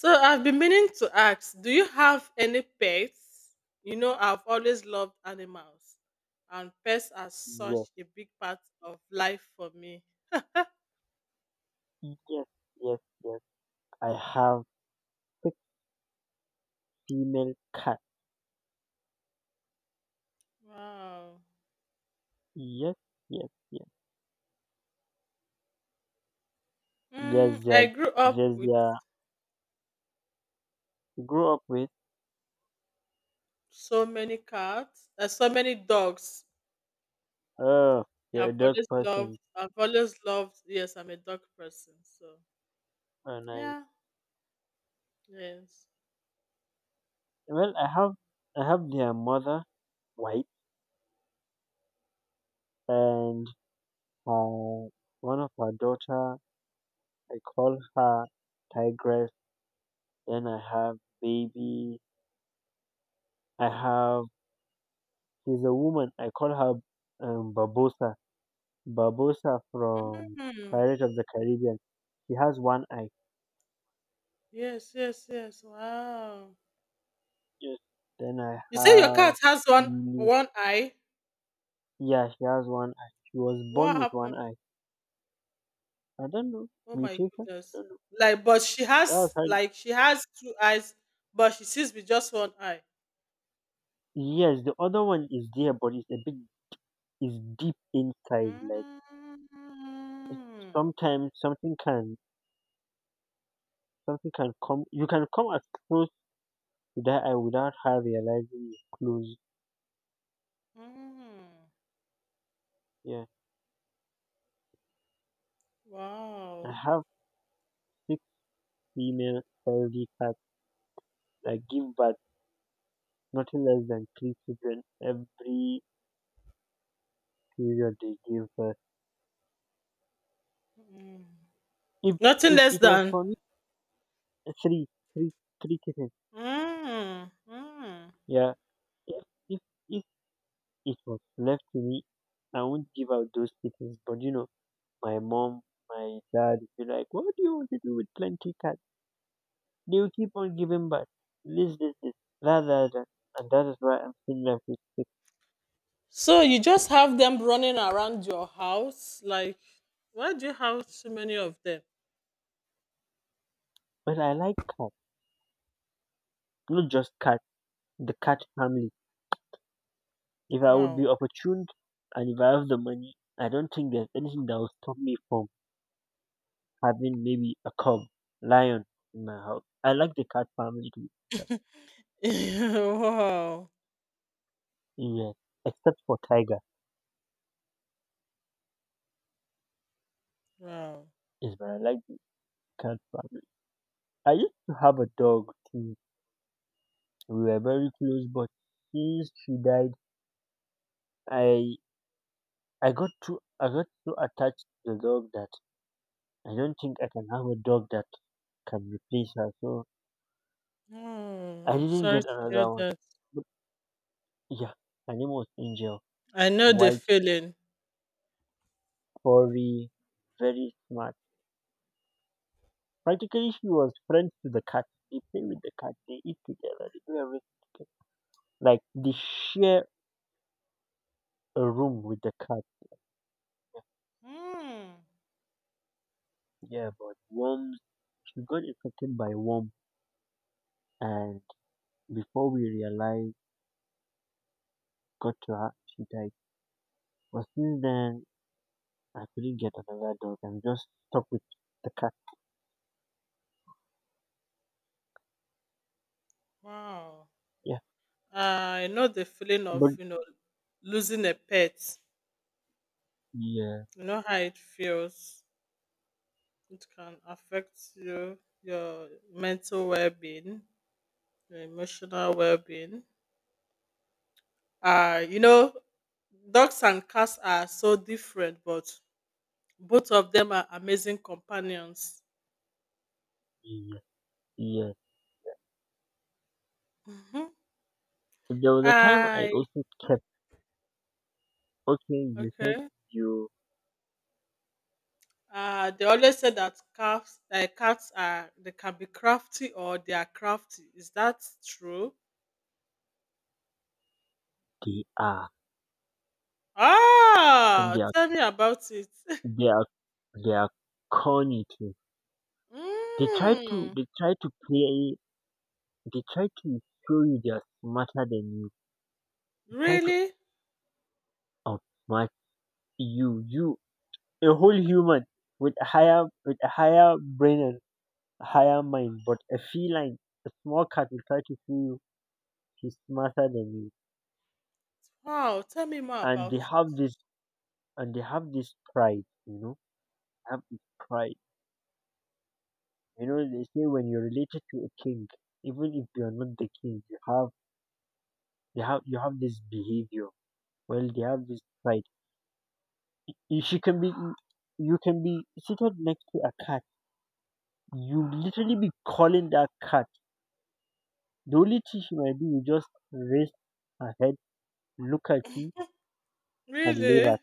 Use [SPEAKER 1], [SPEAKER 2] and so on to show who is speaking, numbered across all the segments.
[SPEAKER 1] So I've been meaning to ask, do you have any pets? You know, I've always loved animals, and pets are such
[SPEAKER 2] Yes,
[SPEAKER 1] a big part of life for me.
[SPEAKER 2] yes, yes, yes. I have big female cat.
[SPEAKER 1] Wow.
[SPEAKER 2] Yes, yes, yes. There's their,
[SPEAKER 1] I grew up
[SPEAKER 2] there's
[SPEAKER 1] with
[SPEAKER 2] their grew up with.
[SPEAKER 1] so many cats, so many dogs.
[SPEAKER 2] Oh,
[SPEAKER 1] Yeah,
[SPEAKER 2] you're a
[SPEAKER 1] I've
[SPEAKER 2] dog
[SPEAKER 1] always loved.
[SPEAKER 2] person.
[SPEAKER 1] I've always loved. Yes, I'm a dog person. So
[SPEAKER 2] And I,
[SPEAKER 1] yeah. Yes.
[SPEAKER 2] Well, I have their mother white and uh, one of her daughter. I call her Tigress. Then I have baby. I have. She's a woman. I call her Babosa. Barbosa from
[SPEAKER 1] Hmm.
[SPEAKER 2] Pirates of the Caribbean. She has one eye.
[SPEAKER 1] Yes. Yes. Yes. Wow.
[SPEAKER 2] Yes. Then I
[SPEAKER 1] You say your
[SPEAKER 2] have
[SPEAKER 1] cat has one
[SPEAKER 2] Lily.
[SPEAKER 1] one eye.
[SPEAKER 2] Yeah, she has one eye. She was born
[SPEAKER 1] What
[SPEAKER 2] with one
[SPEAKER 1] happened?
[SPEAKER 2] eye. I don't know.
[SPEAKER 1] Oh my
[SPEAKER 2] Mutation? I
[SPEAKER 1] goodness.
[SPEAKER 2] don't know.
[SPEAKER 1] Like, but she
[SPEAKER 2] That was
[SPEAKER 1] has
[SPEAKER 2] her.
[SPEAKER 1] like she has two eyes, but she sees with just one eye.
[SPEAKER 2] Yes, the other one is there, but it's a big, it's deep inside. Like
[SPEAKER 1] Mm,
[SPEAKER 2] sometimes something can come. You can come as close to that eye without her realizing you're close.
[SPEAKER 1] mm,
[SPEAKER 2] Yeah, I
[SPEAKER 1] wow.
[SPEAKER 2] have six female fairy cats that give birth. Nothing less than three children every period they gave birth.
[SPEAKER 1] Mm.
[SPEAKER 2] If
[SPEAKER 1] Nothing
[SPEAKER 2] if
[SPEAKER 1] less
[SPEAKER 2] it was
[SPEAKER 1] than.
[SPEAKER 2] for me, uh, three, three, three kittens.
[SPEAKER 1] Mm, mm.
[SPEAKER 2] Yeah. If if if it was left to me, I wouldn't give out those kittens. But you know, my mom, my dad would be like, "What do you want to do with plenty cats? They will keep on giving back. This, this, this, that, that, that." And that is why I'm still left with six.
[SPEAKER 1] So you just have them running around your house? Like, why do you have so many of them?
[SPEAKER 2] But I like cats, not just cats. The cat family. If I would be
[SPEAKER 1] Wow.
[SPEAKER 2] opportuned and if I have the money, I don't think there's anything that will stop me from having maybe a cub, lion in my house. I like the cat family too.
[SPEAKER 1] wow.
[SPEAKER 2] Yes, except for tiger.
[SPEAKER 1] Wow.
[SPEAKER 2] Is but I like the cat family. I used to have a dog too. We were very close, but since she died, I I got too I got so attached to the dog that I don't think I can have a dog that can replace her. So I
[SPEAKER 1] I'm
[SPEAKER 2] didn't
[SPEAKER 1] sorry
[SPEAKER 2] get
[SPEAKER 1] to hear
[SPEAKER 2] another one.
[SPEAKER 1] that.
[SPEAKER 2] But yeah, her name was Angel.
[SPEAKER 1] I know the
[SPEAKER 2] White,
[SPEAKER 1] feeling.
[SPEAKER 2] furry, very smart. Practically, she was friends to the cat. They play with the cat. They eat together. They do everything together. Like they share a room with the cat.
[SPEAKER 1] Hmm.
[SPEAKER 2] Yeah, but worms. She got infected by worm, and before we realized, got to her, she died. But since then, I couldn't get another dog. I'm just stuck with the cat.
[SPEAKER 1] Wow.
[SPEAKER 2] Yeah,
[SPEAKER 1] I know the feeling
[SPEAKER 2] but
[SPEAKER 1] of, you know, losing a pet.
[SPEAKER 2] yeah,
[SPEAKER 1] You know how it feels. It can affect you, your mental well being, your emotional well being. You know, dogs and cats are so different, but both of them are amazing companions.
[SPEAKER 2] yeah, yeah.
[SPEAKER 1] Hmm.
[SPEAKER 2] There was a time I
[SPEAKER 1] I
[SPEAKER 2] also kept. Okay, you said
[SPEAKER 1] okay.
[SPEAKER 2] you
[SPEAKER 1] They always say that cats, cats are they can be crafty or they are crafty. Is that true?
[SPEAKER 2] they are. And they
[SPEAKER 1] Ah,
[SPEAKER 2] are
[SPEAKER 1] tell me about it.
[SPEAKER 2] they are they are corny too. They try to
[SPEAKER 1] Mm,
[SPEAKER 2] they try to play they try to show you they are smarter than you. They try to
[SPEAKER 1] really?
[SPEAKER 2] outsmart you. You a whole human with a higher brain and higher mind, but a feline, a small cat will try to show you he's smarter than you.
[SPEAKER 1] Wow, tell me more
[SPEAKER 2] And
[SPEAKER 1] about
[SPEAKER 2] they have
[SPEAKER 1] it.
[SPEAKER 2] this and they have this pride, you know, have this pride. You know, they say when you're related to a king, even if you're not the king, you have. They have you have this behavior, well they have this pride. She can be you can be seated next to a cat, you literally be calling that cat, the only thing she might do is just raise her head, look at you, and lay
[SPEAKER 1] Really?
[SPEAKER 2] back.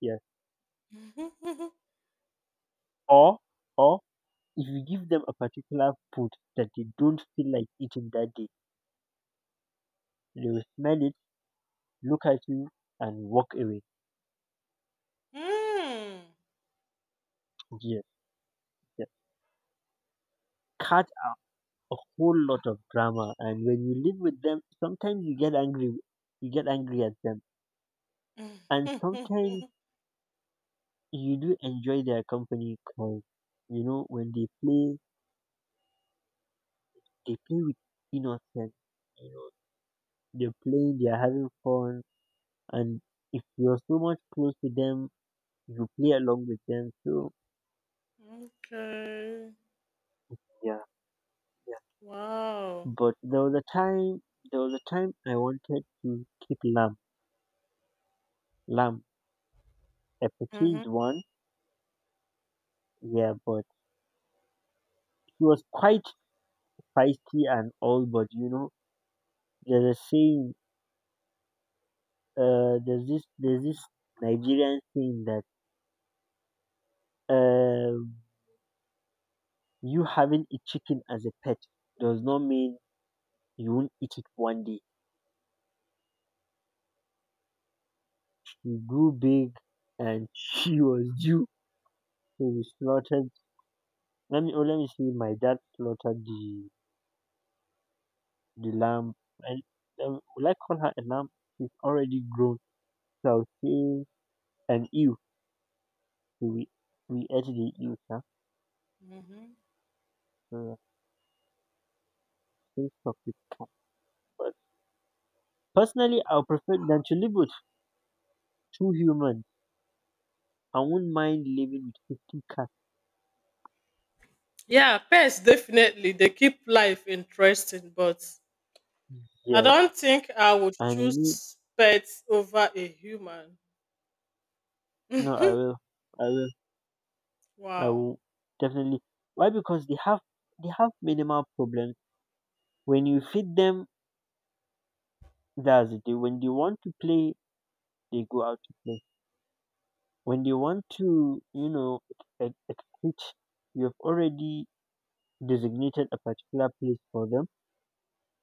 [SPEAKER 2] Yes. Or or if you give them a particular food that they don't feel like eating that day, they will smell it, look at you, and walk away.
[SPEAKER 1] mm.
[SPEAKER 2] Yes, yes. Cat, a whole lot of drama, and when you live with them, sometimes you get angry at them. And sometimes you do enjoy their company, because you know when they play, they play with innocence. You know, they're having fun. And if you're so much close to them, you play along with them. So
[SPEAKER 1] okay.
[SPEAKER 2] yeah, yeah.
[SPEAKER 1] Wow.
[SPEAKER 2] But there was a time I wanted to keep lamb, lamb a
[SPEAKER 1] Hmm.
[SPEAKER 2] purchased one. Yeah, but he was quite feisty and all, but you know, there's a saying, there's this Nigerian saying that um, you having a chicken as a pet does not mean you won't eat it one day. She grew big, and she was due. So we slaughtered. Let me see. My dad slaughtered the lamb. And will I call her a lamb? She's already grown. So I'll say an ewe. So we ate the ewe, sir.
[SPEAKER 1] Hmm.
[SPEAKER 2] So I think so. Personally, I would prefer than to live with two humans. I wouldn't mind living with 50 cats.
[SPEAKER 1] Yeah, pets definitely they keep life interesting, but I
[SPEAKER 2] Yes.
[SPEAKER 1] don't think I would
[SPEAKER 2] And you need,
[SPEAKER 1] choose pets over a human.
[SPEAKER 2] no, I will. I will. I
[SPEAKER 1] wow.
[SPEAKER 2] will. Definitely. Why? Because they have minimal problems. When you feed them, that's it. When they want to play, they go out to play. When they want to, you know, ex- ex- ex- you have already designated a particular place for them,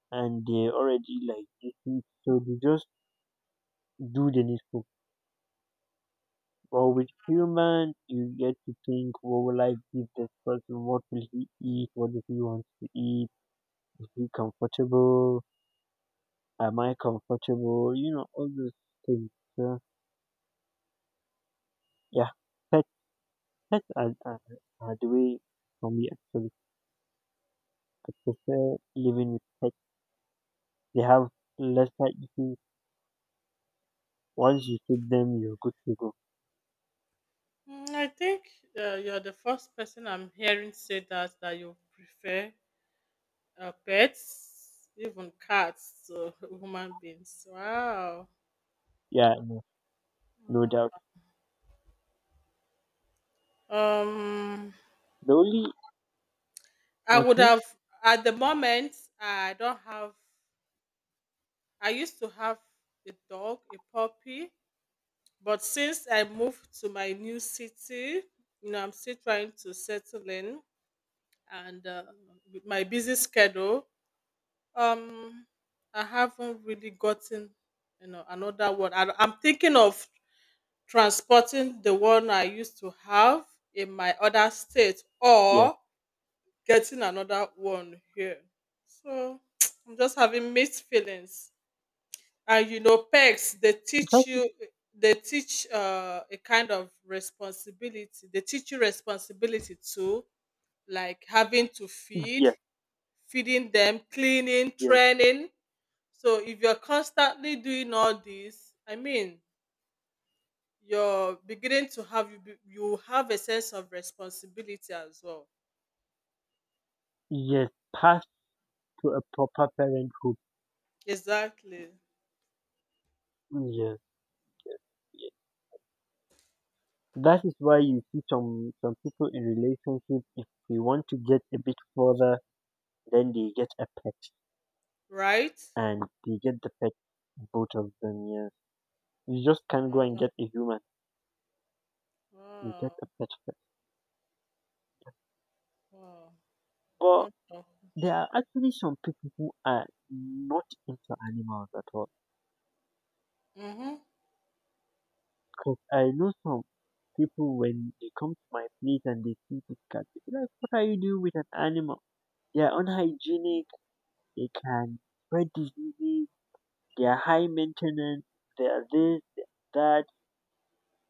[SPEAKER 2] and they already like, this thing. So they just do the needful. But with humans, you get to think, what will I give this person? What will he eat? What does he want to eat? Is he comfortable? Am I comfortable? You know, all those things. So, yeah, pets, pets are, are, are the way for me, actually. I prefer living with pets. They have lesser issues. Once you feed them, you're good to go.
[SPEAKER 1] I think you're the first person I'm hearing say that you prefer pets, even cats to human beings. Wow.
[SPEAKER 2] Yeah, no doubt.
[SPEAKER 1] Um,
[SPEAKER 2] The only,
[SPEAKER 1] I would
[SPEAKER 2] okay,
[SPEAKER 1] have at the moment I don't have. I used to have a dog, a puppy, but since I moved to my new city, you know, I'm still trying to settle in, and with my busy schedule. Um, I haven't really gotten, you know, another one. I'm thinking of transporting the one I used to have in my other state
[SPEAKER 2] yes,
[SPEAKER 1] or getting another one here. So I'm just having mixed feelings. And you know, pegs they teach
[SPEAKER 2] that-
[SPEAKER 1] you they teach a kind of responsibility. They teach you responsibility too, like having to feed,
[SPEAKER 2] yes,
[SPEAKER 1] feeding them, cleaning,
[SPEAKER 2] yes,
[SPEAKER 1] training so if you're constantly doing all this, I mean, you're beginning to have you have a sense of responsibility as well.
[SPEAKER 2] yes, pass to a proper parenthood.
[SPEAKER 1] Exactly.
[SPEAKER 2] Yes. That is why you see some people in relationship, if they want to get a bit further, then they get a pet,
[SPEAKER 1] Right?
[SPEAKER 2] and they get the pet, both of them, yes. You just can't go and
[SPEAKER 1] Wow.
[SPEAKER 2] get a human, you get a
[SPEAKER 1] Wow.
[SPEAKER 2] pet first.
[SPEAKER 1] Wow.
[SPEAKER 2] But
[SPEAKER 1] Wonderful.
[SPEAKER 2] there are actually some people who are not into animals at all.
[SPEAKER 1] Mm-hmm.
[SPEAKER 2] Because I know some people, when they come to my place and they see this cat, they be like, "What are you doing with an animal? They are unhygienic, they can spread diseases, they're high maintenance, they are this, they are that."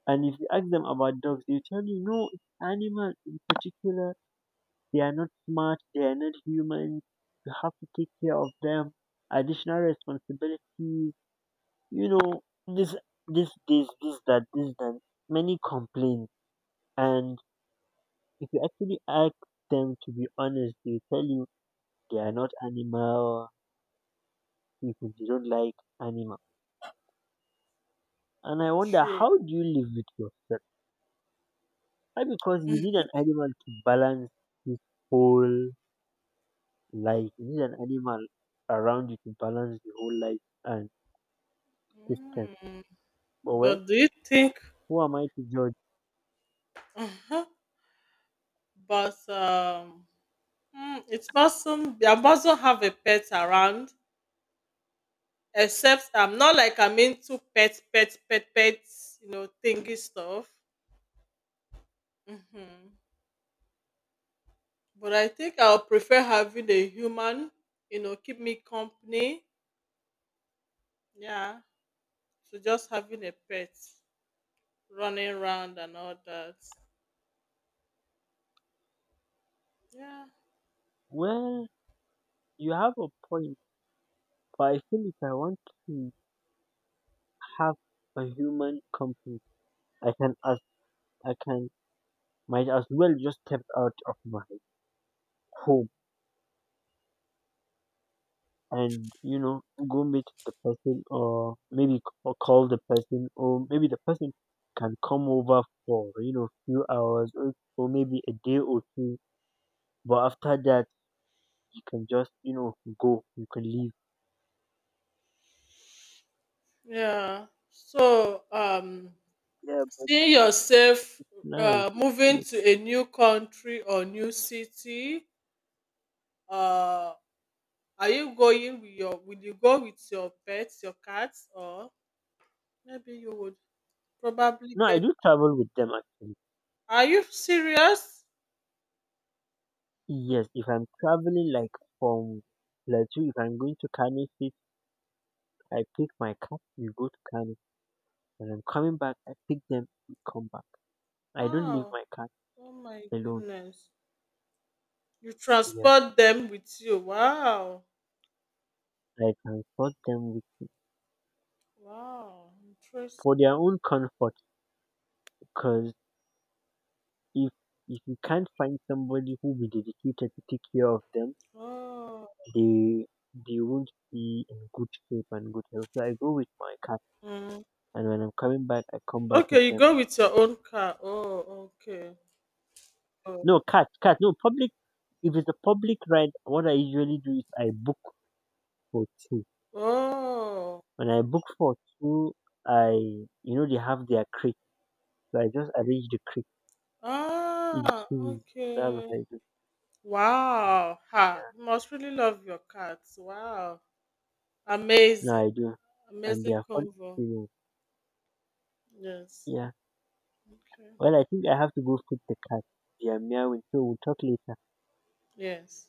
[SPEAKER 2] And if you ask them about dogs, they tell you, no, it's animals in particular. They are not smart, they are not human. You have to take care of them. Additional responsibilities, you know, this, this, this, that. Many complaints. And if you actually ask them to be honest, they tell you they are not animal people, they don't like animals. And I wonder,
[SPEAKER 1] True.
[SPEAKER 2] how do you live with yourself? Why? Because you need an animal to balance this whole life. You need an animal around you to balance the whole life and system.
[SPEAKER 1] Mm.
[SPEAKER 2] But well,
[SPEAKER 1] But do you think?
[SPEAKER 2] who am I to judge?
[SPEAKER 1] Huh? But it mustn't be I mustn't have a pet around except I'm not like I'm into pets, you know, thingy stuff. Mm-hmm. But I think I'll prefer having a human, you know, keep me company. Yeah. So just having a pet running around and all that. Yeah.
[SPEAKER 2] Well, you have a point, but I feel if I want to have a human company, I can as I can might as well just step out of my home and you know go meet the person, or maybe or call the person, or maybe the person can come over for you know few hours, or maybe a day or two. But after that, you can just you know go, you can leave.
[SPEAKER 1] Yeah. So
[SPEAKER 2] Yeah, but
[SPEAKER 1] seeing yourself
[SPEAKER 2] nice,
[SPEAKER 1] moving
[SPEAKER 2] like,
[SPEAKER 1] to a new country or new city, uh are you going with your will you go with your pets, your cats, or maybe you would probably
[SPEAKER 2] no, I
[SPEAKER 1] get
[SPEAKER 2] do travel with them actually.
[SPEAKER 1] are you serious?
[SPEAKER 2] Yes, if I'm traveling like from Plateau, if I'm going to Kano state, I pick my cat, we go to Kano. When I'm coming back, I pick them, we come back. I don't leave
[SPEAKER 1] Wow.
[SPEAKER 2] my cat
[SPEAKER 1] Oh my
[SPEAKER 2] alone.
[SPEAKER 1] goodness. You
[SPEAKER 2] Yeah,
[SPEAKER 1] transport them with you. Wow.
[SPEAKER 2] I transport them with,
[SPEAKER 1] Wow.
[SPEAKER 2] for
[SPEAKER 1] Interesting.
[SPEAKER 2] their own comfort, because if if you can't find somebody who will be dedicated to take care of them,
[SPEAKER 1] Oh.
[SPEAKER 2] they they won't be in good shape and good health. So I go with my cat,
[SPEAKER 1] Mm.
[SPEAKER 2] and when I'm coming back, I come back with
[SPEAKER 1] Okay, you
[SPEAKER 2] them.
[SPEAKER 1] go with your own car. Oh, okay. Oh.
[SPEAKER 2] No cat, cat, no public. If it's a public ride, what I usually do is I book for two.
[SPEAKER 1] Oh.
[SPEAKER 2] When I book for two, I you know they have their crate, so I just arrange the crate
[SPEAKER 1] Ah,
[SPEAKER 2] into. That's what
[SPEAKER 1] okay.
[SPEAKER 2] I
[SPEAKER 1] Wow. Ha.
[SPEAKER 2] do.
[SPEAKER 1] You must really love your cats. Wow.
[SPEAKER 2] No,
[SPEAKER 1] Amazing.
[SPEAKER 2] I do. And they
[SPEAKER 1] Amazing
[SPEAKER 2] are fun
[SPEAKER 1] convo.
[SPEAKER 2] experience.
[SPEAKER 1] Yes.
[SPEAKER 2] Yeah.
[SPEAKER 1] Okay.
[SPEAKER 2] Well, I think I have to go feed the cat. They are meowing. So we'll talk later.
[SPEAKER 1] Yes.